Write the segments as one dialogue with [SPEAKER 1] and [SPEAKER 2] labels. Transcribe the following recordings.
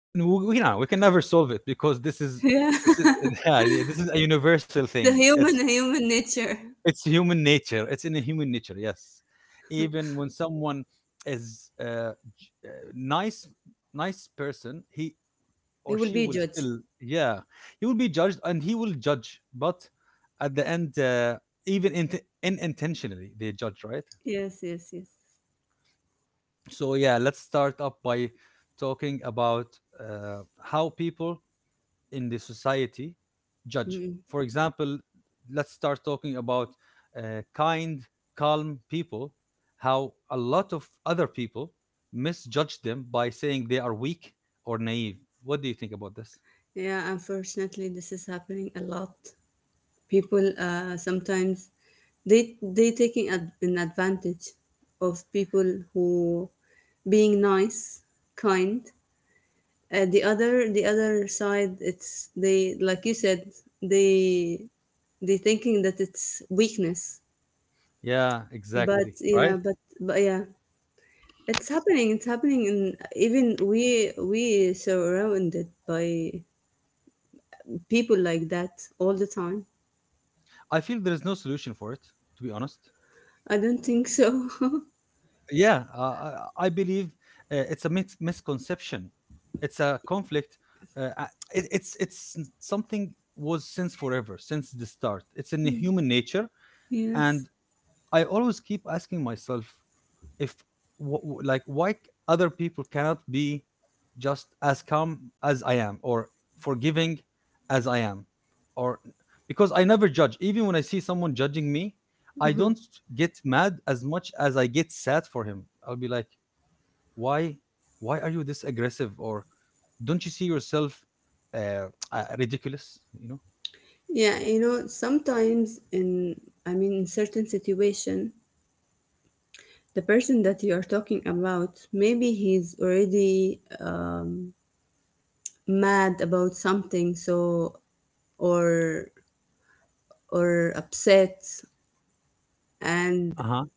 [SPEAKER 1] We can never solve it because this is
[SPEAKER 2] yeah,
[SPEAKER 1] this is yeah, this is a universal
[SPEAKER 2] the
[SPEAKER 1] thing.
[SPEAKER 2] human nature.
[SPEAKER 1] It's human nature. It's in a human nature. Yes, even when someone is j- uh, nice nice person, he
[SPEAKER 2] They
[SPEAKER 1] or
[SPEAKER 2] will
[SPEAKER 1] she
[SPEAKER 2] be
[SPEAKER 1] will
[SPEAKER 2] judged.
[SPEAKER 1] still, yeah, he will be judged and he will judge. But at the end, even in, unintentionally, they judge, right?
[SPEAKER 2] Yes, yes, yes.
[SPEAKER 1] So yeah, let's start up by talking about how people in the society judge.
[SPEAKER 2] Mm.
[SPEAKER 1] For example, let's start talking about kind, calm people, how a lot of other people misjudge them by saying they are weak or naive. What do you think about this?
[SPEAKER 2] Yeah, unfortunately, this is happening a lot. People sometimes they taking an advantage of people who being nice, kind. And the other side, it's they like you said, they they thinking that it's weakness.
[SPEAKER 1] Yeah,
[SPEAKER 2] But
[SPEAKER 1] exactly.
[SPEAKER 2] yeah,
[SPEAKER 1] Right?
[SPEAKER 2] but yeah, it's happening. It's happening, and even we surrounded by people like that all the time.
[SPEAKER 1] I feel there is no solution for it, to be honest.
[SPEAKER 2] I don't think so.
[SPEAKER 1] yeah uh, I believe it's a misconception. It's a conflict. uh, uh, something was since forever, since the start. It's in the human nature. And
[SPEAKER 2] yes.
[SPEAKER 1] I always keep asking myself if, like, why other people cannot be just as calm as I am, or forgiving as I am, or because I never judge. Even when I see someone judging me, I
[SPEAKER 2] Uh-huh.
[SPEAKER 1] don't get mad as much as I get sad for him. I'll be like, why why are you this aggressive, or don't you see yourself uh, ridiculous, you know?
[SPEAKER 2] Yeah, sometimes in, I mean, in certain situation, the person that you are talking about, maybe he's already, mad about something, so or or upset, and
[SPEAKER 1] Uh-huh.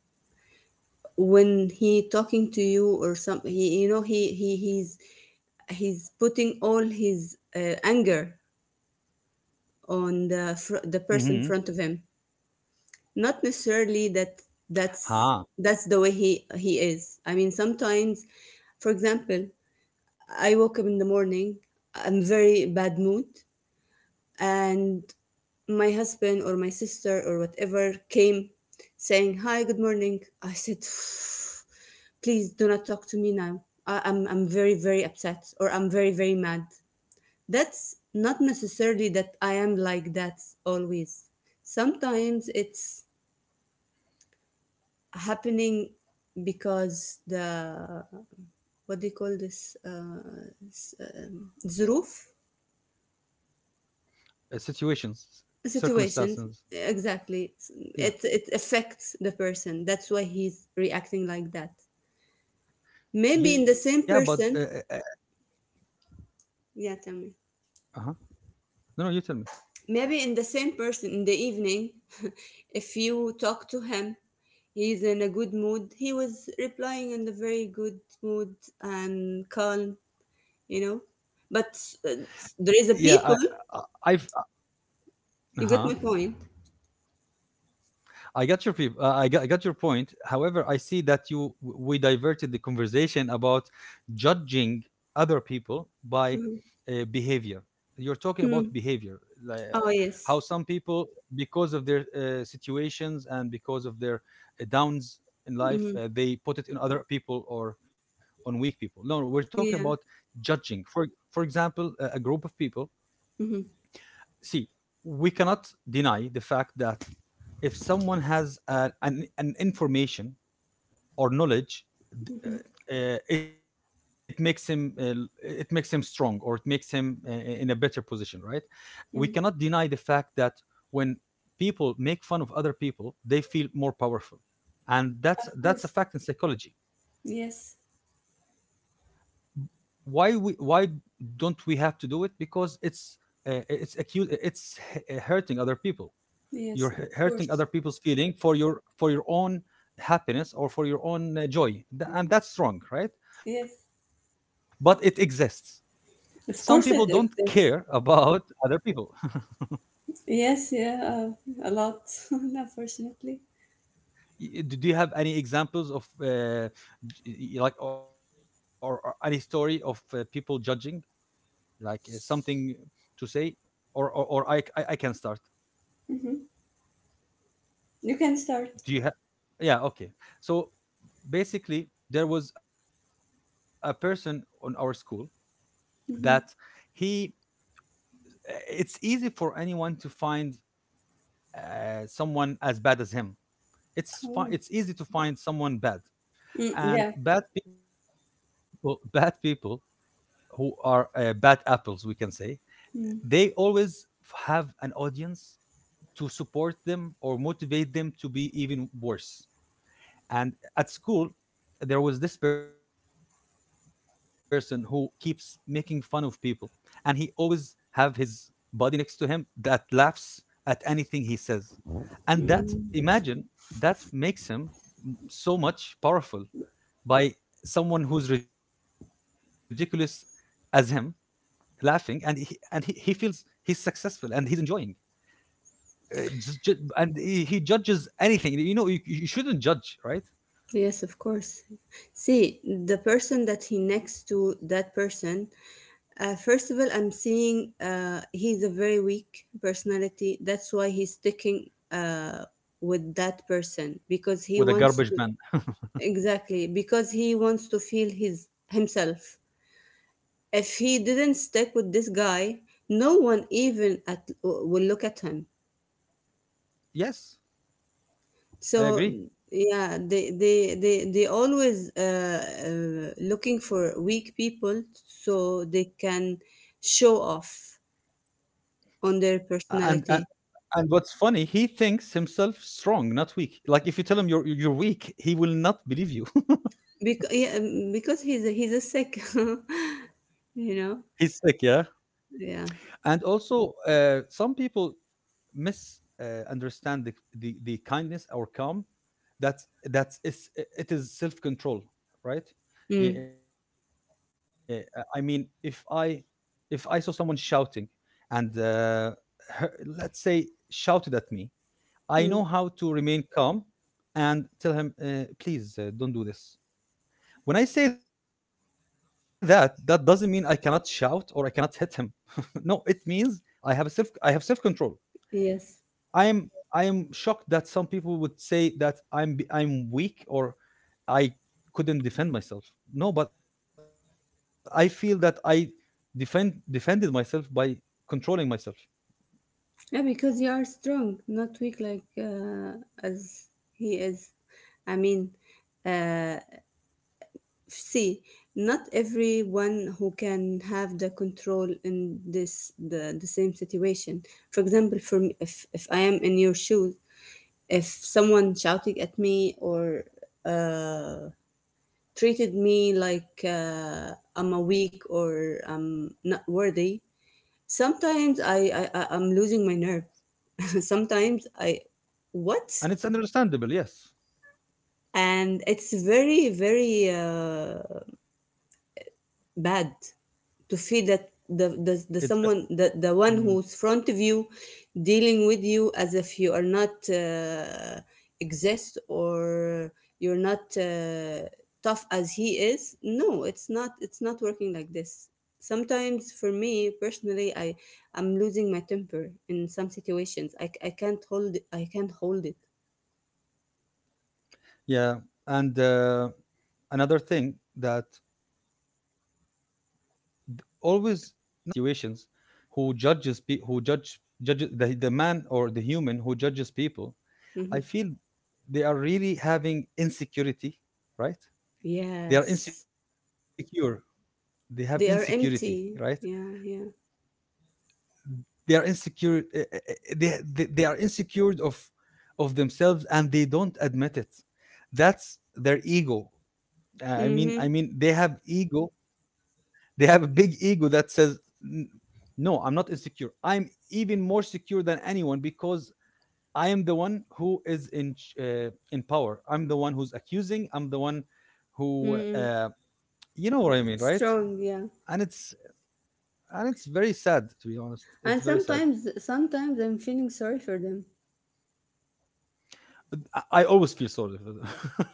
[SPEAKER 2] when he talking to you or something he you know he he's putting all his anger on
[SPEAKER 1] Mm-hmm.
[SPEAKER 2] the the person in front of him. Not necessarily that
[SPEAKER 1] Huh.
[SPEAKER 2] that's that's the way he is. I mean, sometimes, for example, I woke up in the morning. I'm very bad mood. And my husband or my sister or whatever came saying, "Hi, good morning." I said, please do not talk to me now. I'm very very upset, or I'm very very mad. That's not necessarily that I am like that always. Sometimes it's happening because the what do you call this ظروف
[SPEAKER 1] Uh, situations, circumstances.
[SPEAKER 2] situation. Exactly.
[SPEAKER 1] Yeah.
[SPEAKER 2] It affects the person. That's why he's reacting like that. Maybe
[SPEAKER 1] Yeah,
[SPEAKER 2] in the
[SPEAKER 1] but
[SPEAKER 2] same person. Yeah, tell me.
[SPEAKER 1] uh-huh. No, no, you tell me.
[SPEAKER 2] Maybe in the same person in the evening. If you talk to him, he's in a good mood. He was replying in a very good mood and calm, you know but uh, there
[SPEAKER 1] Yeah,
[SPEAKER 2] is a
[SPEAKER 1] I,
[SPEAKER 2] people.
[SPEAKER 1] I've. Uh-huh.
[SPEAKER 2] You get my point?
[SPEAKER 1] I got your point. However, I see that you, we diverted the conversation about judging other people by
[SPEAKER 2] Mhm.
[SPEAKER 1] behavior. You're talking about
[SPEAKER 2] Mm.
[SPEAKER 1] behavior, like,
[SPEAKER 2] Oh,
[SPEAKER 1] how
[SPEAKER 2] yes.
[SPEAKER 1] some people, because of their situations and because of their downs in life,
[SPEAKER 2] Mhm.
[SPEAKER 1] they put it in other people or on weak people. No, we're talking
[SPEAKER 2] Yeah.
[SPEAKER 1] about judging. For example, a group of people
[SPEAKER 2] Mhm.
[SPEAKER 1] see, we cannot deny the fact that if someone has an information or knowledge,
[SPEAKER 2] Mhm.
[SPEAKER 1] uh, uh, it makes him uh, it makes him strong, or it makes him in a better position, right? We
[SPEAKER 2] Mm.
[SPEAKER 1] cannot deny the fact that when people make fun of other people, they feel more powerful,
[SPEAKER 2] Of
[SPEAKER 1] and that's
[SPEAKER 2] course.
[SPEAKER 1] that's a fact in psychology.
[SPEAKER 2] Yes,
[SPEAKER 1] Why don't we have to do it? Because it's accused, it's hurting other people. You're
[SPEAKER 2] yes, of
[SPEAKER 1] hurting other
[SPEAKER 2] course.
[SPEAKER 1] people's feeling for your own happiness or for your own joy. And that's wrong, right?
[SPEAKER 2] Yes,
[SPEAKER 1] But it exists. Some people don't
[SPEAKER 2] of course it
[SPEAKER 1] care
[SPEAKER 2] exists.
[SPEAKER 1] about other people.
[SPEAKER 2] Yes, yeah, a lot, unfortunately.
[SPEAKER 1] Do you have any examples of like, or any story of people judging, like, something to say? Or, or I can start.
[SPEAKER 2] Hmm. You can start.
[SPEAKER 1] Do you have? Yeah, okay. So basically, there was a person on our school that
[SPEAKER 2] Hmm.
[SPEAKER 1] he, it's easy for anyone to find someone as bad as him.
[SPEAKER 2] Oh.
[SPEAKER 1] It's easy to find someone bad
[SPEAKER 2] Mm, yeah.
[SPEAKER 1] and bad people. Bad people who are bad apples, we can say, they always have an audience to support them or motivate them to be even worse. And at school, there was this person who keeps making fun of people, and he always have his buddy next to him that laughs at anything he says. And
[SPEAKER 2] Mm.
[SPEAKER 1] that, imagine, that makes him so much powerful by someone who's ridiculous as him laughing, and he feels he's successful and he's enjoying. Uh, and he judges anything. You know, you shouldn't judge, right?
[SPEAKER 2] Yes, of course. See, the person that he next to that person, first of all, I'm seeing he's a very weak personality. That's why he's sticking with that person because he wants to,
[SPEAKER 1] With a garbage man.
[SPEAKER 2] exactly, because he wants to feel his himself. If he didn't stick with this guy, no one even at will look at him.
[SPEAKER 1] Yes,
[SPEAKER 2] So
[SPEAKER 1] I agree.
[SPEAKER 2] yeah, they always looking for weak people so they can show off on their
[SPEAKER 1] A-
[SPEAKER 2] personality.
[SPEAKER 1] And and and what's funny, he thinks himself strong, not weak. Like if you tell him you're, weak, he will not believe you.
[SPEAKER 2] Because yeah, because he's a sick. you know.
[SPEAKER 1] He's sick, yeah.
[SPEAKER 2] Yeah.
[SPEAKER 1] And also, some people misunderstand understand the kindness or calm. It is self control
[SPEAKER 2] Mm.
[SPEAKER 1] right? I mean, if I saw someone shouting and her, let's say, shouted at me,
[SPEAKER 2] Mm.
[SPEAKER 1] I know how to remain calm and tell him, please don't do this. When I say that, that doesn't mean I cannot shout or I cannot hit him. No, it means I have self control
[SPEAKER 2] Yes.
[SPEAKER 1] I am I am shocked that some people would say that I'm weak or I couldn't defend myself. No, but I feel that I defend defended myself by controlling myself,
[SPEAKER 2] Yeah, because you are strong, not weak like as he is. I mean, uh, see, not everyone who can have the control in the same situation. For example, for me, if I am in your shoes. If someone shouted at me or uh, treated me like I'm a weak or I'm not worthy, sometimes I'm losing my nerve. Sometimes I what.
[SPEAKER 1] and it's understandable. Yes,
[SPEAKER 2] And it's very very bad to feel that
[SPEAKER 1] it's
[SPEAKER 2] the, the, the
[SPEAKER 1] Mm.
[SPEAKER 2] someone the, the one who's front of you dealing with you as if you are not exist, or you're not tough as he is. No, it's not, working like this. Sometimes, for me personally, I'm losing my temper. In some situations, I can't hold it. I can't hold it.
[SPEAKER 1] yeah. And another thing that always, not always, sorry, let's say most of the situations, who judges pe- who judge judges the man or the human who judges people, I
[SPEAKER 2] Hmm,
[SPEAKER 1] feel they are really having insecurity, right? They are
[SPEAKER 2] yes,
[SPEAKER 1] insecure. They have
[SPEAKER 2] they are
[SPEAKER 1] insecurity, right?
[SPEAKER 2] empty, yeah, yeah.
[SPEAKER 1] They are insecure. They are insecure of themselves, and they don't admit it. That's their ego.
[SPEAKER 2] Mm-hmm.
[SPEAKER 1] I mean, they have ego. They have a big ego that says, "N- "No, I'm not insecure. I'm even more secure than anyone, because I am the one who is in in power. I'm the one who's accusing. I'm the one who,
[SPEAKER 2] Mm.
[SPEAKER 1] you know what I mean, right?"
[SPEAKER 2] Strong, yeah.
[SPEAKER 1] And it's and it's very sad, to be honest. It's
[SPEAKER 2] And
[SPEAKER 1] very sad.
[SPEAKER 2] sometimes I'm feeling sorry for them.
[SPEAKER 1] I always feel sorry for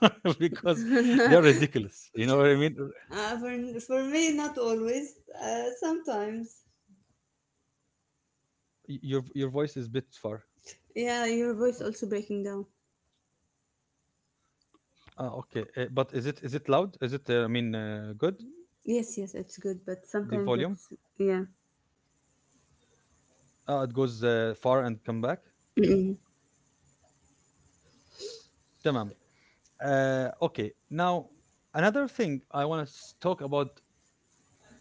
[SPEAKER 1] them because they're ridiculous. You know what I mean?
[SPEAKER 2] No, for me, not always. Sometimes.
[SPEAKER 1] Your voice is a bit far.
[SPEAKER 2] Yeah,
[SPEAKER 1] Uh,
[SPEAKER 2] your voice also breaking down.
[SPEAKER 1] Ah, okay. But is it, is it loud? Is it I mean good?
[SPEAKER 2] Yes, yes,
[SPEAKER 1] The
[SPEAKER 2] it's good,
[SPEAKER 1] volume?
[SPEAKER 2] but sometimes it's yeah.
[SPEAKER 1] Ah, it goes far and come back.
[SPEAKER 2] Mm-mm,
[SPEAKER 1] تمام. Okay. Now another thing I want to talk about judging.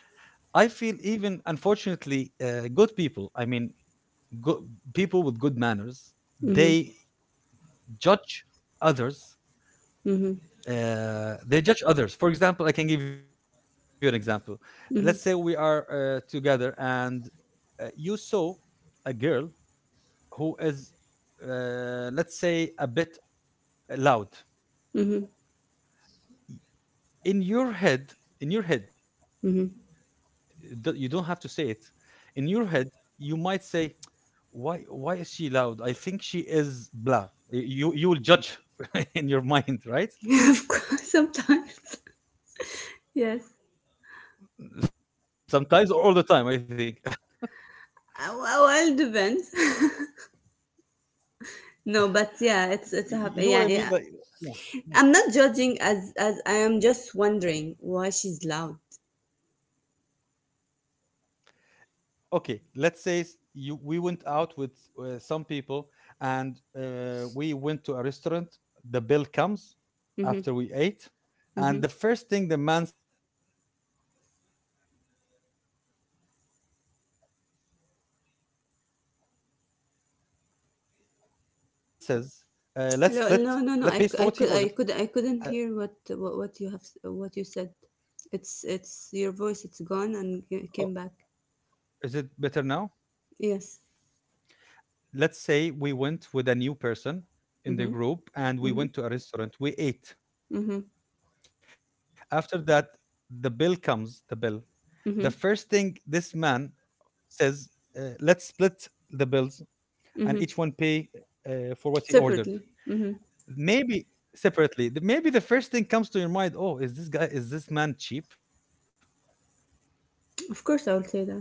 [SPEAKER 1] I feel even, unfortunately, good people, I mean, go- people with good manners,
[SPEAKER 2] mm-hmm,
[SPEAKER 1] they judge others.
[SPEAKER 2] mm-hmm,
[SPEAKER 1] Uh, they judge others. For example, I can give you an example. Let's say we are
[SPEAKER 2] mm-hmm,
[SPEAKER 1] together, and you saw a girl who is let's say, a bit loud.
[SPEAKER 2] mm-hmm,
[SPEAKER 1] In your head, in your head you don't have to say it. In your head, you might say, why is she loud? I think she is blah. You you will judge in your mind, right?
[SPEAKER 2] mm-hmm. Of course, sometimes. Yes.
[SPEAKER 1] Sometimes, or all the time, I think.
[SPEAKER 2] Well, depends. no, but yeah, it's a
[SPEAKER 1] You know what
[SPEAKER 2] happy.
[SPEAKER 1] I
[SPEAKER 2] Yeah,
[SPEAKER 1] mean? Like,
[SPEAKER 2] yeah.
[SPEAKER 1] yeah. Yeah.
[SPEAKER 2] I'm not judging, as I am just wondering why she's loud.
[SPEAKER 1] Okay, let's say s- you we went out with some people, and we went to a restaurant. The bill comes
[SPEAKER 2] Mm-hmm,
[SPEAKER 1] after we ate,
[SPEAKER 2] mm-hmm.
[SPEAKER 1] and the first thing the man says, let's split, let's split and e- each one of us pay uh, pays for what he ordered.
[SPEAKER 2] Hello. No, no, no. I, cou- I could, I
[SPEAKER 1] And
[SPEAKER 2] could, I couldn't hear what you have, what you said. It's your voice. It's gone and came back.
[SPEAKER 1] oh, is it better
[SPEAKER 2] Yes.
[SPEAKER 1] now? Let's say we went with a
[SPEAKER 2] Mm-hmm.
[SPEAKER 1] new person
[SPEAKER 2] Mm-hmm.
[SPEAKER 1] in the group, and we went to a
[SPEAKER 2] Mm-hmm.
[SPEAKER 1] restaurant, we ate. After that, the bill comes, the bill,
[SPEAKER 2] Mm-hmm.
[SPEAKER 1] the first thing this man says, let's split the bills, and
[SPEAKER 2] Mm-hmm.
[SPEAKER 1] each one pay for what he
[SPEAKER 2] Separately.
[SPEAKER 1] ordered.
[SPEAKER 2] Mm-hmm.
[SPEAKER 1] Maybe separately, maybe the first thing comes to your mind, oh, is this guy, is this man cheap?
[SPEAKER 2] Of course, I will say that.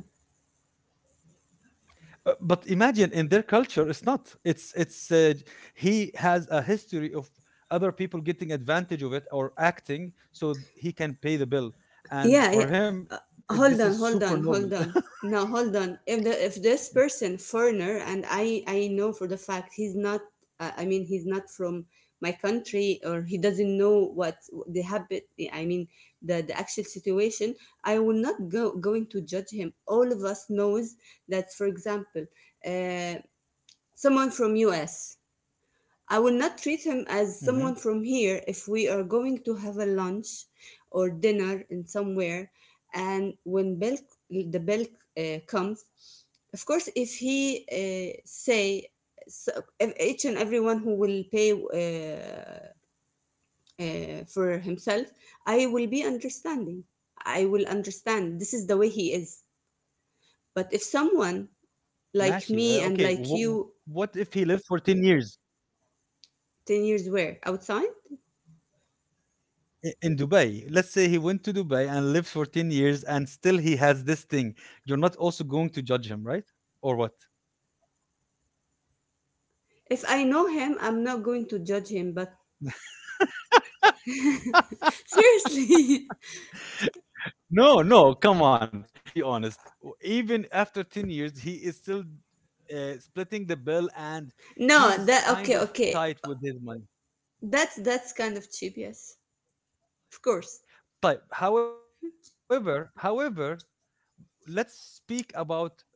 [SPEAKER 1] But imagine in their culture it's not, he has a history of other people getting advantage of it, or acting so he can pay the bill,
[SPEAKER 2] Yeah,
[SPEAKER 1] and
[SPEAKER 2] yeah.
[SPEAKER 1] for him,
[SPEAKER 2] Uh,
[SPEAKER 1] it, this is
[SPEAKER 2] hold on,
[SPEAKER 1] super
[SPEAKER 2] hold on,
[SPEAKER 1] normal.
[SPEAKER 2] hold on, now hold on. If this
[SPEAKER 1] Yeah.
[SPEAKER 2] person foreigner, and I know for the fact he's not, I mean he's not from my country, or he doesn't know what the habit. I mean the actual situation. I will not go going to judge him. All of us knows that. For example, uh, someone from us, I will not treat him as someone
[SPEAKER 1] Mm-hmm.
[SPEAKER 2] from here if we are going to have a lunch or dinner in somewhere. And when the bill comes, of course, if he say so, if each and everyone who will pay for himself, I will be understanding. I will understand. This is the way he is. But if someone
[SPEAKER 1] Mashi,
[SPEAKER 2] like
[SPEAKER 1] okay,
[SPEAKER 2] me and like you,
[SPEAKER 1] what if he lived for 10 years
[SPEAKER 2] 10 years were outside,
[SPEAKER 1] in Dubai? Let's say he went to Dubai and lived for 10 years, and still he has this thing. You're not also going to judge him, right? Or what?
[SPEAKER 2] if I know him, I'm not going to judge him. But seriously.
[SPEAKER 1] No, no, come on. Let's be honest. Even after 10 years, he is still splitting the bill, and
[SPEAKER 2] No,
[SPEAKER 1] he's
[SPEAKER 2] that,
[SPEAKER 1] kind
[SPEAKER 2] okay,
[SPEAKER 1] of
[SPEAKER 2] okay.
[SPEAKER 1] tight with his money.
[SPEAKER 2] That's kind of cheap, yes. Of course.
[SPEAKER 1] Tight. However, however, let's speak about what's right.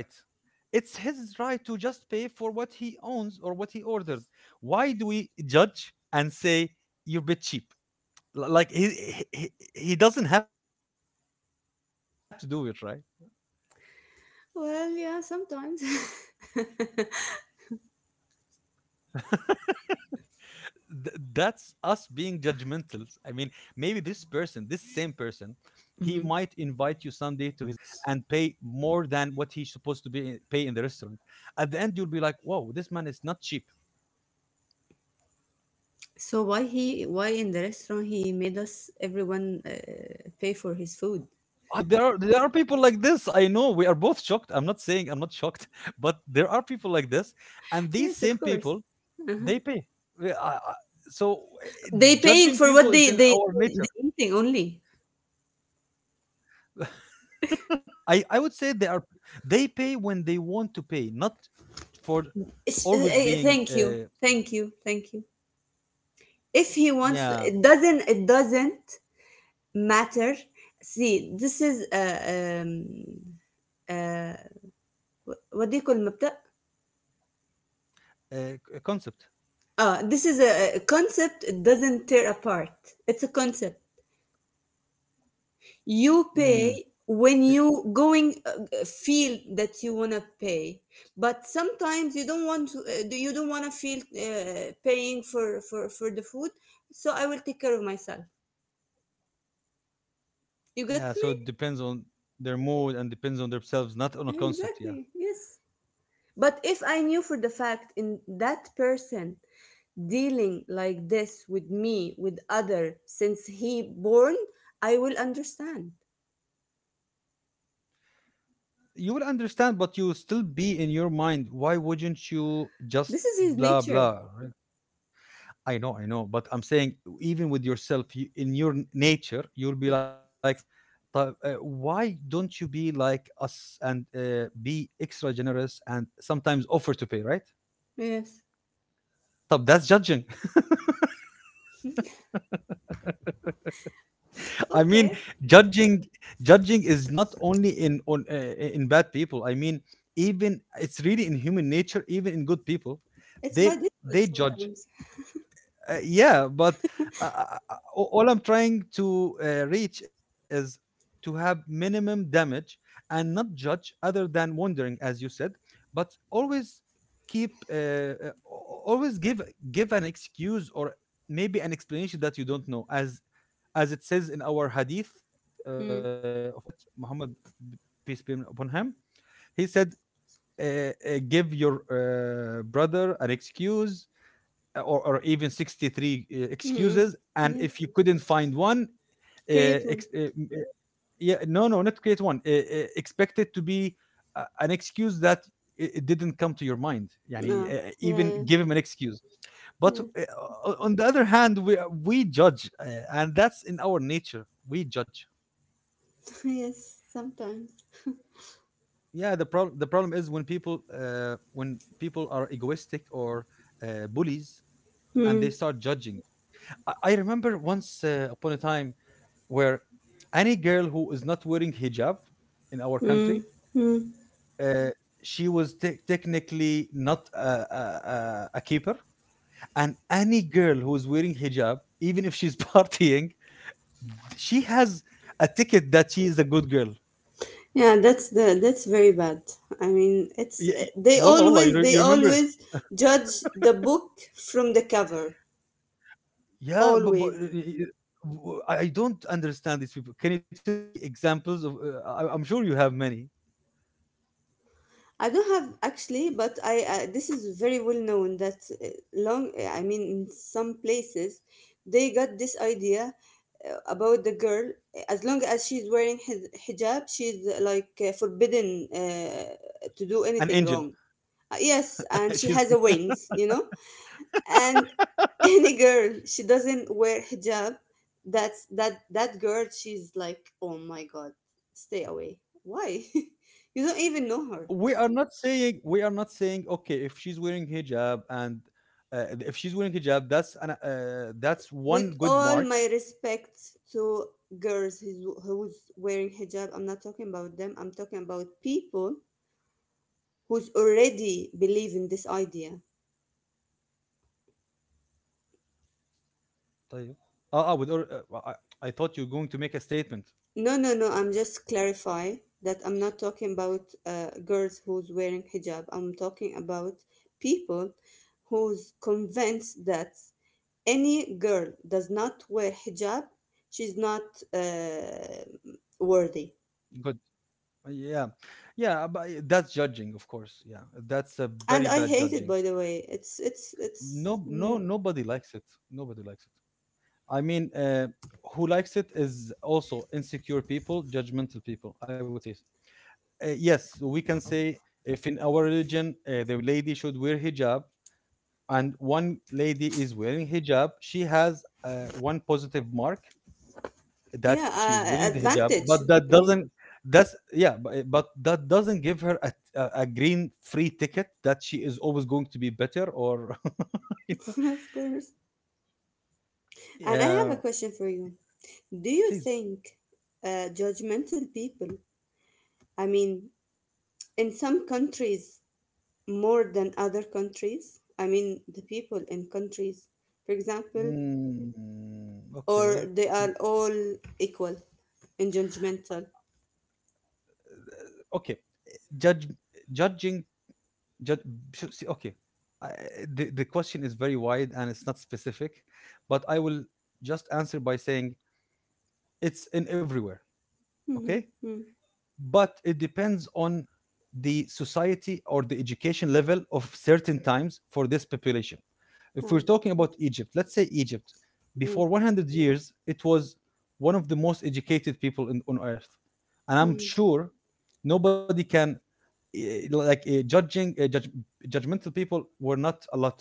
[SPEAKER 1] It's his right to just pay for what he owns or what he ordered. Why do we judge and say you're a bit cheap? Like, he doesn't have to do it, right?
[SPEAKER 2] Well, yeah, sometimes.
[SPEAKER 1] That's us being judgmental. I mean, maybe this person, this same person, he
[SPEAKER 2] Mhm.
[SPEAKER 1] might invite you someday to his house and pay more than what he's supposed to be pay in the restaurant. At the end, you'll be like, whoa, this man is not cheap.
[SPEAKER 2] So why in the restaurant he made us everyone pay for his food?
[SPEAKER 1] I don't know, there are people like this. I know we are both shocked. I'm not saying I'm not shocked. But there are people like this, and these
[SPEAKER 2] Yes, of
[SPEAKER 1] same
[SPEAKER 2] course.
[SPEAKER 1] people, they pay. We- I- I- So eh,
[SPEAKER 2] They paying
[SPEAKER 1] judging
[SPEAKER 2] for what
[SPEAKER 1] people is
[SPEAKER 2] they
[SPEAKER 1] in
[SPEAKER 2] they
[SPEAKER 1] our
[SPEAKER 2] they they
[SPEAKER 1] nature.
[SPEAKER 2] eating only.
[SPEAKER 1] I would say they are they pay when they want to pay, not for
[SPEAKER 2] Sh- uh,
[SPEAKER 1] always
[SPEAKER 2] uh,
[SPEAKER 1] being
[SPEAKER 2] Thank you. Thank you. Thank you. If he wants to, it
[SPEAKER 1] yeah
[SPEAKER 2] doesn't it doesn't matter. See, this is uh what do you call المبدأ?
[SPEAKER 1] a concept.
[SPEAKER 2] This is a concept. It doesn't tear apart. It's a concept. You
[SPEAKER 1] Mm.
[SPEAKER 2] pay
[SPEAKER 1] eh,
[SPEAKER 2] when you going feel that you wanna pay, but sometimes you don't want to. You don't wanna feel paying for the food. So I will take care of myself. You get
[SPEAKER 1] Yeah,
[SPEAKER 2] me?
[SPEAKER 1] so it depends on their mood and depends on themselves, not on a concept. Yeah,
[SPEAKER 2] Exactly. Yes. But if I knew for the fact in that person dealing like this with me with other since he born, I will understand.
[SPEAKER 1] you will understand, but you will still be in your mind. Why wouldn't you just
[SPEAKER 2] This is his
[SPEAKER 1] blah
[SPEAKER 2] nature.
[SPEAKER 1] blah, right? I know, but I'm saying even with yourself, you, in your nature, you'll be like, "طيب, why don't you be like us and be extra generous and sometimes offer to pay, right?
[SPEAKER 2] Yes.
[SPEAKER 1] طب, that's judging. I mean,
[SPEAKER 2] Okay.
[SPEAKER 1] judging, judging is not only in on in bad people. I mean, even it's really in human nature, even in good people,
[SPEAKER 2] It's
[SPEAKER 1] they
[SPEAKER 2] by default
[SPEAKER 1] they judge
[SPEAKER 2] sometimes.
[SPEAKER 1] yeah, but uh, uh, all I'm trying to reach is to have minimum damage and not judge other than wondering, as you said, but always keep always give give an excuse or maybe an explanation that you don't know, as it says in our hadith of our
[SPEAKER 2] Hmm.
[SPEAKER 1] prophet Muhammad peace be upon him. He said give your brother an excuse or even 63
[SPEAKER 2] Hmm.
[SPEAKER 1] excuses, and
[SPEAKER 2] Yes.
[SPEAKER 1] if you couldn't find one, uh,
[SPEAKER 2] Create one.
[SPEAKER 1] ex- uh, m- uh, yeah, no, no, not create one, expect it to be an excuse that it didn't come to your mind yani,
[SPEAKER 2] No. Yeah.
[SPEAKER 1] even
[SPEAKER 2] Yeah.
[SPEAKER 1] give him an excuse. But
[SPEAKER 2] Yeah.
[SPEAKER 1] on the other hand, we judge, and that's in our nature, we judge.
[SPEAKER 2] yes. Sometimes.
[SPEAKER 1] Yeah, the problem, the problem is when people are egoistic or bullies, and they
[SPEAKER 2] Hmm.
[SPEAKER 1] start judging. I remember once upon a time where any girl who is not wearing hijab in our
[SPEAKER 2] Hmm.
[SPEAKER 1] country,
[SPEAKER 2] Hmm.
[SPEAKER 1] uh, she was technically not a keeper. And any girl who is wearing hijab, even if she's partying, she has a ticket that she is a good girl.
[SPEAKER 2] Yeah. That's the. That's very bad. I mean,
[SPEAKER 1] Y-
[SPEAKER 2] it's.
[SPEAKER 1] y-
[SPEAKER 2] They
[SPEAKER 1] Wallah, wallah, you,
[SPEAKER 2] always. They
[SPEAKER 1] you remember?
[SPEAKER 2] always judge the book from the cover.
[SPEAKER 1] Yeah, but
[SPEAKER 2] Always.
[SPEAKER 1] I don't understand these people. Can you tell me examples of? I'm sure you have many.
[SPEAKER 2] I don't have, actually, but I this is very well known that, long, I mean, in some places they got this idea about the girl. As long as she's wearing hijab, she's like forbidden to do
[SPEAKER 1] An
[SPEAKER 2] anything
[SPEAKER 1] angel,
[SPEAKER 2] wrong. Yes, and she has
[SPEAKER 1] she's
[SPEAKER 2] a wings, And any girl she doesn't wear hijab, that girl she's like, "Oh my god, stay away." Why? you don't even know her.
[SPEAKER 1] we are not saying, we are not saying, okay, if she's wearing hijab and if she's wearing hijab, that's an, that's one
[SPEAKER 2] With
[SPEAKER 1] good
[SPEAKER 2] all
[SPEAKER 1] mark.
[SPEAKER 2] my respect to girls who's wearing hijab, I'm not talking about them. I'm talking about people who's already believe in this idea.
[SPEAKER 1] طيب, اه اه, with or, well, I thought you were going to make a statement.
[SPEAKER 2] No, no, no. I'm just clarify that I'm not talking about girls who's wearing hijab. I'm talking about people who's convinced that any girl does not wear hijab, she's not uh, worthy.
[SPEAKER 1] Good. Yeah, yeah, but that's judging, of course. Yeah, that's a
[SPEAKER 2] And
[SPEAKER 1] very
[SPEAKER 2] I
[SPEAKER 1] bad
[SPEAKER 2] hate it,
[SPEAKER 1] judging.
[SPEAKER 2] by the way. It's, it's, it's.
[SPEAKER 1] No, no, nobody likes it. Nobody likes it. I mean, who likes it is also insecure people, judgmental people, I would say. Yes, we can say if in our religion the lady should wear hijab, and one lady is wearing hijab, she has one positive mark that
[SPEAKER 2] Yeah,
[SPEAKER 1] she is wearing the hijab,
[SPEAKER 2] advantage.
[SPEAKER 1] but that
[SPEAKER 2] I mean,
[SPEAKER 1] doesn't, that's, yeah, but, but that doesn't give her a green free ticket that she is always going to be better or you know.
[SPEAKER 2] of course. And I have a
[SPEAKER 1] Yeah,
[SPEAKER 2] question for you. Do you
[SPEAKER 1] please.
[SPEAKER 2] think judgmental people, I mean, in some countries more than other countries, I mean, the people in countries, for example,
[SPEAKER 1] Mm, okay,
[SPEAKER 2] or they are all equal in judgmental?
[SPEAKER 1] okay. Judge, judging, judge, see, okay, I, the question is very wide and it's not specific, but I will just answer by saying it's in everywhere. Okay,
[SPEAKER 2] Mm-hmm. Mm.
[SPEAKER 1] but it depends on the society or the education level of certain times for this population. If we're
[SPEAKER 2] No.
[SPEAKER 1] talking about Egypt, let's say Egypt,
[SPEAKER 2] Mm,
[SPEAKER 1] before 100 years, it was one of the most educated people in, on earth. And
[SPEAKER 2] mm,
[SPEAKER 1] I'm
[SPEAKER 2] mm,
[SPEAKER 1] sure nobody can judge, judgmental people were not a lot,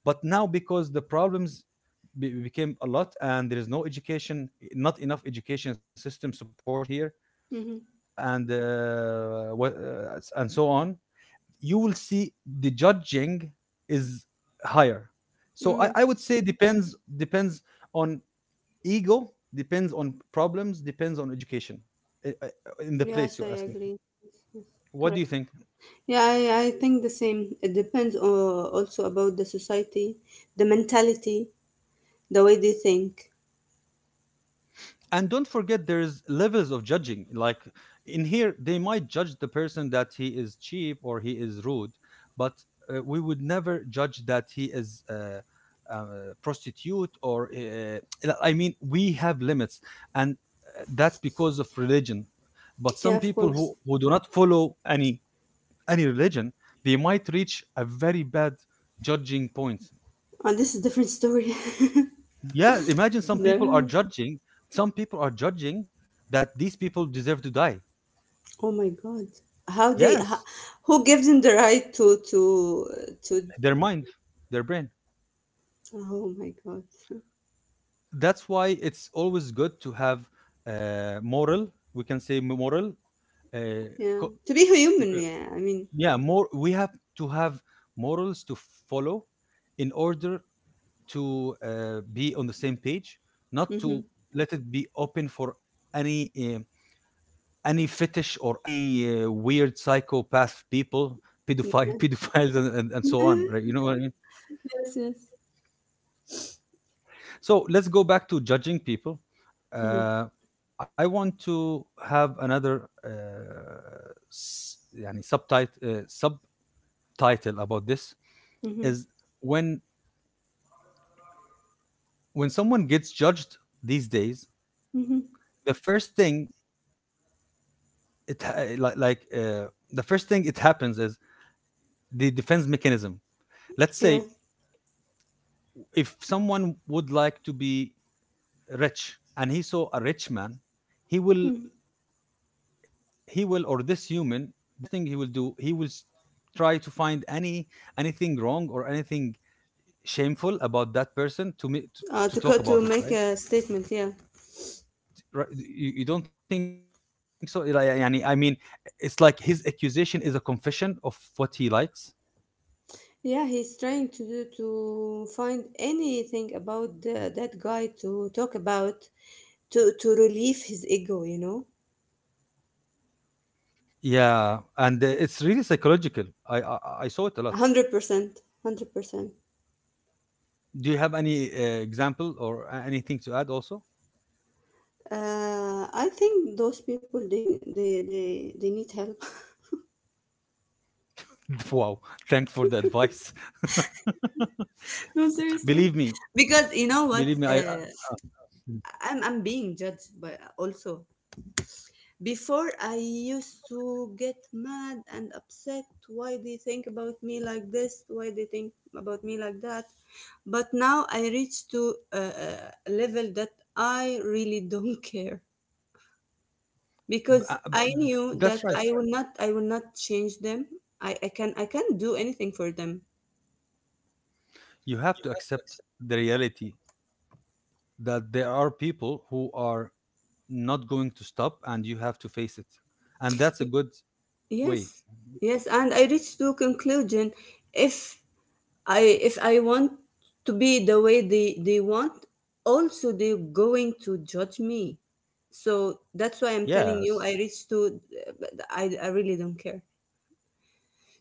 [SPEAKER 1] but now because the problems became a lot and there is no education, not enough education system supported here,
[SPEAKER 2] mhm,
[SPEAKER 1] and and so on, you will see the judging is higher. So
[SPEAKER 2] mhm.
[SPEAKER 1] I would say depends, depends on ego, depends on problems, depends on education, eh, eh, in the place
[SPEAKER 2] Yes, I
[SPEAKER 1] you're asking.
[SPEAKER 2] agree. Yes,
[SPEAKER 1] What
[SPEAKER 2] yes.
[SPEAKER 1] do you think?
[SPEAKER 2] Yeah, I think the same. It depends, also about the society, the mentality, the way they think.
[SPEAKER 1] And don't forget there's levels of judging. Like, in here they might judge the person that he is cheap or he is rude, but we would never judge that he is uh, prostitute or I mean, we have limits, and that's because of religion. But some
[SPEAKER 2] Yeah, of
[SPEAKER 1] people
[SPEAKER 2] course.
[SPEAKER 1] who do not follow any religion, they might reach a very bad judging point.
[SPEAKER 2] And this is different story.
[SPEAKER 1] Yeah, imagine some people are
[SPEAKER 2] the,
[SPEAKER 1] judging. Some people are judging that these people deserve to die.
[SPEAKER 2] oh my God, how they, how,
[SPEAKER 1] Yes,
[SPEAKER 2] who gives them the right to to?
[SPEAKER 1] their mind, their brain.
[SPEAKER 2] Oh my God.
[SPEAKER 1] That's why it's always good to have moral. We can say moral. Uh,
[SPEAKER 2] yeah,
[SPEAKER 1] co-
[SPEAKER 2] to be
[SPEAKER 1] uh,
[SPEAKER 2] human. Yeah, I mean,
[SPEAKER 1] yeah, more. We have to have morals to follow in order to be on the same page, not
[SPEAKER 2] hmm.
[SPEAKER 1] to let it be open for uh, any fetish or any weird psychopath people, pedophile, pedophiles, and so on,
[SPEAKER 2] yes,
[SPEAKER 1] right? You know what I mean?
[SPEAKER 2] yes,
[SPEAKER 1] So let's go back to judging people.
[SPEAKER 2] mm-hmm.
[SPEAKER 1] uh, I want to have another s- يعني subtitle, subtitle about this
[SPEAKER 2] Mm-hmm.
[SPEAKER 1] is when when someone gets judged these days,
[SPEAKER 2] Mm-hmm.
[SPEAKER 1] the first thing it the first thing it happens is the defense mechanism, let's
[SPEAKER 2] Yeah.
[SPEAKER 1] say. If someone would like to be rich and he saw a rich man, he will,
[SPEAKER 2] Mm.
[SPEAKER 1] he will, or this human, the first thing he will do, he will try to find any anything wrong or anything shameful about that person to me
[SPEAKER 2] Uh,
[SPEAKER 1] to
[SPEAKER 2] to
[SPEAKER 1] talk
[SPEAKER 2] co- to
[SPEAKER 1] about it,
[SPEAKER 2] make
[SPEAKER 1] right?
[SPEAKER 2] a statement, yeah.
[SPEAKER 1] Right, you don't think so? Like, يعني, I mean, it's like his accusation is a confession of what he likes.
[SPEAKER 2] Yeah, he's trying to find anything about that guy to talk about, to relieve his ego.
[SPEAKER 1] Yeah, and it's really psychological. i i, I saw it a lot.
[SPEAKER 2] 100%, 100%.
[SPEAKER 1] Do you have any example or anything to add also?
[SPEAKER 2] I think those people they need help.
[SPEAKER 1] Wow, thanks for the advice.
[SPEAKER 2] No, seriously.
[SPEAKER 1] Believe me,
[SPEAKER 2] Because you know what?
[SPEAKER 1] believe me, I, uh, b-
[SPEAKER 2] I'm being judged by also. Before, I used to get mad and upset. Why they think about me like this? Why they think about me like that? But now I reach to a level that I really don't care, because
[SPEAKER 1] uh, b-
[SPEAKER 2] I knew
[SPEAKER 1] that's
[SPEAKER 2] that
[SPEAKER 1] right.
[SPEAKER 2] I will not change them. I can't do anything for them.
[SPEAKER 1] You have to accept the reality that there are people who are not going to stop and you have to face it. And that's a
[SPEAKER 2] Y-
[SPEAKER 1] good way.
[SPEAKER 2] Yes, yes, and I reached to conclusion. If I want to be the way they want, also they're going to judge me. So that's why I'm
[SPEAKER 1] Yes.
[SPEAKER 2] telling you I reach to but I really don't care.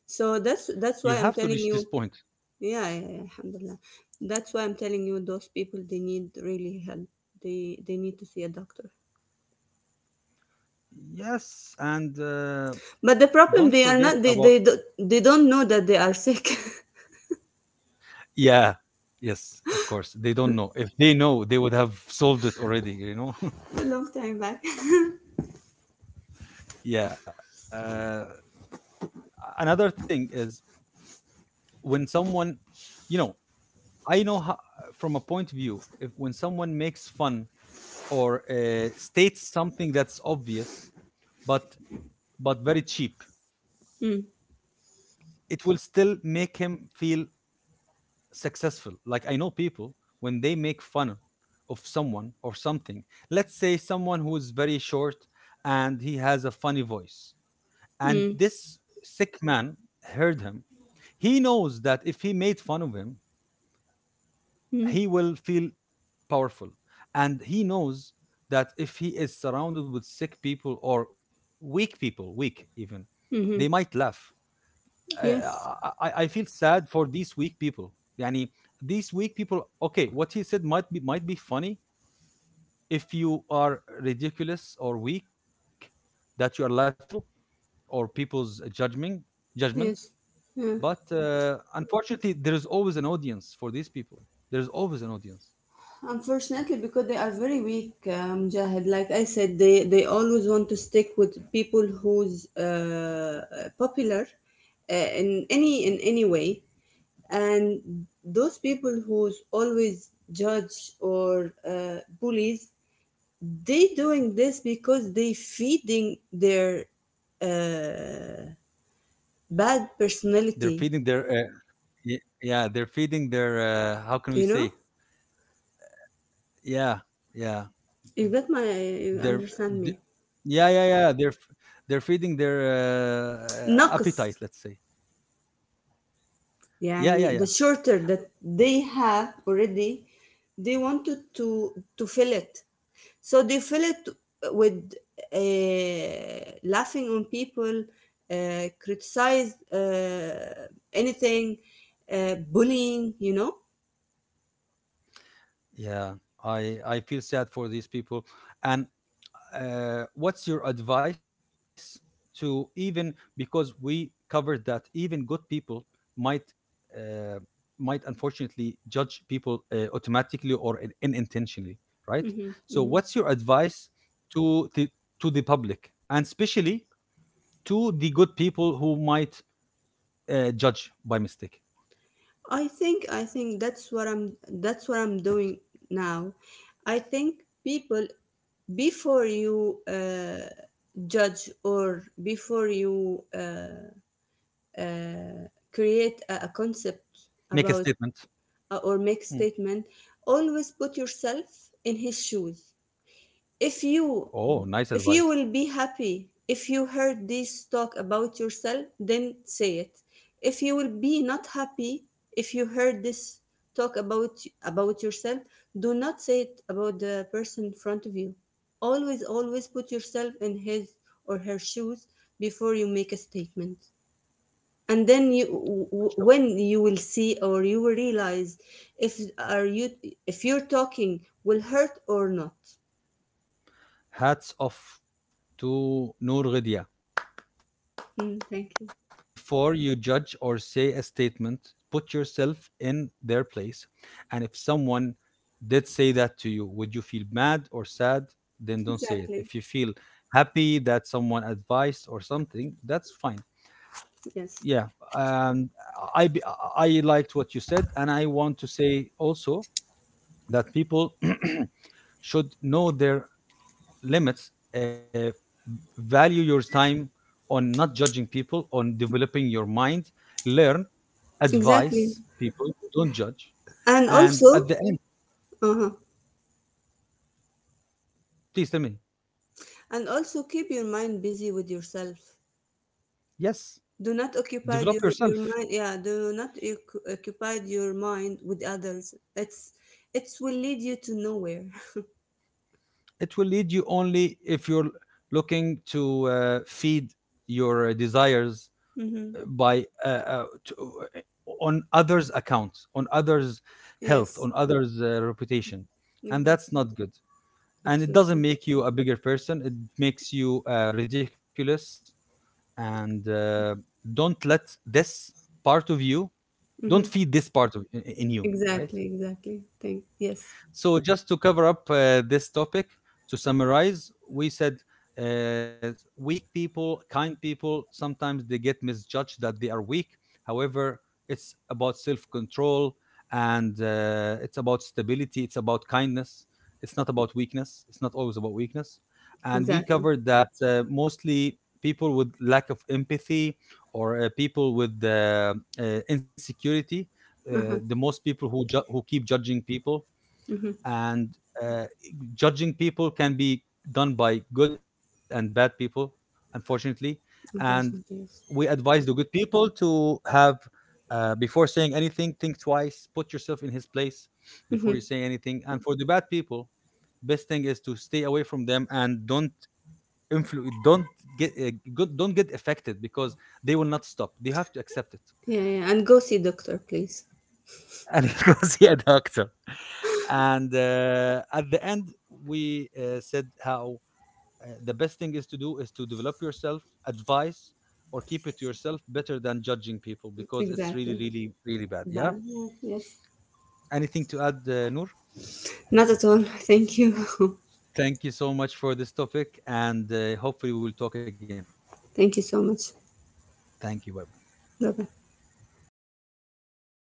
[SPEAKER 1] You have
[SPEAKER 2] So
[SPEAKER 1] to
[SPEAKER 2] that's
[SPEAKER 1] reach this
[SPEAKER 2] that's why
[SPEAKER 1] point.
[SPEAKER 2] I'm telling you, yeah, yeah, yeah, alhamdulillah. That's why I'm telling you those people they need really help. They need to see a doctor.
[SPEAKER 1] Yes. And
[SPEAKER 2] But the
[SPEAKER 1] don't
[SPEAKER 2] problem, they
[SPEAKER 1] forget
[SPEAKER 2] are not,
[SPEAKER 1] about.
[SPEAKER 2] they don't know that they are sick.
[SPEAKER 1] Yeah. Yes, of course. They don't know. If they know, they would have solved it already, you know?
[SPEAKER 2] A long time back.
[SPEAKER 1] Yeah. Uh, another thing is when someone, you know, I know how, from a point of view, if when someone makes fun or states something that's obvious, but but very cheap,
[SPEAKER 2] Mm,
[SPEAKER 1] it will still make him feel successful. Like, I know people, when they make fun of someone or something, let's say someone who is very short and he has a funny voice, and
[SPEAKER 2] mm,
[SPEAKER 1] this sick man heard him, he knows that if he made fun of him,
[SPEAKER 2] mm,
[SPEAKER 1] he will feel powerful, and he knows that if he is surrounded with sick people or weak people, weak even, they
[SPEAKER 2] mm-hmm.
[SPEAKER 1] might laugh.
[SPEAKER 2] Yes.
[SPEAKER 1] Uh, I, I feel sad for these weak people. يعني, these weak people, okay, what he said might be, might be funny if you are ridiculous or weak, that you are laughing at people or people's judgment, judgment.
[SPEAKER 2] Yes. Yeah.
[SPEAKER 1] But unfortunately, there is always an audience for these people. There's always an audience.
[SPEAKER 2] Unfortunately, because they are very weak, Mujahid. Like I said, they always want to stick with people who's popular in any way, and those people who's always judge or bullies, they doing this because they feeding their uh, bad
[SPEAKER 1] They're
[SPEAKER 2] personality.
[SPEAKER 1] feeding their Y- yeah, they're feeding their how can we
[SPEAKER 2] You
[SPEAKER 1] say,
[SPEAKER 2] know,
[SPEAKER 1] yeah, yeah,
[SPEAKER 2] you
[SPEAKER 1] they're
[SPEAKER 2] understand
[SPEAKER 1] th-
[SPEAKER 2] me.
[SPEAKER 1] yeah, yeah, yeah, they're they're feeding their
[SPEAKER 2] Naqs
[SPEAKER 1] appetite, let's say. Yeah,
[SPEAKER 2] يعني
[SPEAKER 1] yeah,
[SPEAKER 2] the
[SPEAKER 1] yeah,
[SPEAKER 2] shorter that they have already. They wanted to fill it, so they fill it with laughing on people, criticize anything, bullying.
[SPEAKER 1] yeah, I feel sad for these people, and what's your advice to, even because we covered that even good people might uh, might unfortunately judge people automatically or in, unintentionally, right?
[SPEAKER 2] Hmm.
[SPEAKER 1] So
[SPEAKER 2] Hmm.
[SPEAKER 1] what's your advice to the to the public, and especially to the good people who might judge by mistake?
[SPEAKER 2] I think that's what I'm doing now. I think people, before you judge, or before you create a concept
[SPEAKER 1] Make a statement.
[SPEAKER 2] about, or
[SPEAKER 1] Hmm.
[SPEAKER 2] make statement, always put yourself in his shoes. if you
[SPEAKER 1] Oh,
[SPEAKER 2] if
[SPEAKER 1] nice
[SPEAKER 2] you will
[SPEAKER 1] advice.
[SPEAKER 2] be happy if you heard this talk about yourself, then say it. If you will be not happy if you heard this talk about yourself, do not say it about the person in front of you. Always put yourself in his or her shoes before you make a statement. And then when you will see, or you will realize if are you if you're talking will hurt or not.
[SPEAKER 1] Hats off to Noor Ghadia.
[SPEAKER 2] Hmm, thank you.
[SPEAKER 1] Before you judge or say a statement, put yourself in their place. And if someone did say that to you, would you feel mad or sad? Then don't say it.
[SPEAKER 2] Exactly.
[SPEAKER 1] If you feel happy that someone advised or something, that's fine.
[SPEAKER 2] Yes,
[SPEAKER 1] Yeah. And I, b- I liked what you said. And I want to say also that people should know their limits, value your time on not judging people, on developing your mind, learn,
[SPEAKER 2] exactly.
[SPEAKER 1] advise people, don't judge,
[SPEAKER 2] And
[SPEAKER 1] and
[SPEAKER 2] also,
[SPEAKER 1] at the end,
[SPEAKER 2] uh-huh.
[SPEAKER 1] please tell me.
[SPEAKER 2] And also, keep your mind busy with yourself.
[SPEAKER 1] Yes.
[SPEAKER 2] Do not occupy your,
[SPEAKER 1] Develop
[SPEAKER 2] your
[SPEAKER 1] yourself.
[SPEAKER 2] mind, yeah. Do not occupy your mind with others. It will lead you to nowhere.
[SPEAKER 1] It will lead you only if you're looking to feed your desires,
[SPEAKER 2] Hmm.
[SPEAKER 1] uh, by uh, uh, to, on others accounts, on others health,
[SPEAKER 2] Yes,
[SPEAKER 1] on others reputation. And that's
[SPEAKER 2] exactly.
[SPEAKER 1] not good, and it doesn't
[SPEAKER 2] Absolutely.
[SPEAKER 1] make you a bigger person, it makes you ridiculous. And don't let this part of you, don't
[SPEAKER 2] Mhm.
[SPEAKER 1] feed this part of in you. Right,
[SPEAKER 2] Exactly, exactly. Thank Yes,
[SPEAKER 1] so just to cover up this topic, to summarize, we said uh, weak people, kind people, sometimes they get misjudged that they are weak. However, it's about self-control, and it's about stability, it's about kindness. It's not about weakness. It's not always about weakness. And we
[SPEAKER 2] exactly.
[SPEAKER 1] covered that mostly people with lack of empathy or people with uh, insecurity. The
[SPEAKER 2] Uh-huh.
[SPEAKER 1] most people who who keep judging people,
[SPEAKER 2] Mm-hmm.
[SPEAKER 1] and uh, judging people can be done by good and bad people, unfortunately. And
[SPEAKER 2] In person,
[SPEAKER 1] we
[SPEAKER 2] yes.
[SPEAKER 1] advise the good people to have before saying anything, think twice, put yourself in his place before
[SPEAKER 2] Mm-hmm.
[SPEAKER 1] you say anything. And for the bad people, best thing is to stay away from them and don't don't get don't get affected, because they will not stop, they have to accept it.
[SPEAKER 2] Yeah, yeah. And go see doctor, please.
[SPEAKER 1] And go see a doctor. And at the end, we said how the best thing is to do is to develop yourself, advice, or keep it to yourself, better than judging people, because it's really,
[SPEAKER 2] Exactly.
[SPEAKER 1] really, really bad. Yeah.
[SPEAKER 2] Bad. Yeah, yes.
[SPEAKER 1] Anything to add, Noor?
[SPEAKER 2] Not at all. Thank you.
[SPEAKER 1] Thank you so much for this topic, and hopefully we will talk again.
[SPEAKER 2] Thank you so much.
[SPEAKER 1] Thank you. Bye bye.
[SPEAKER 2] Bye bye.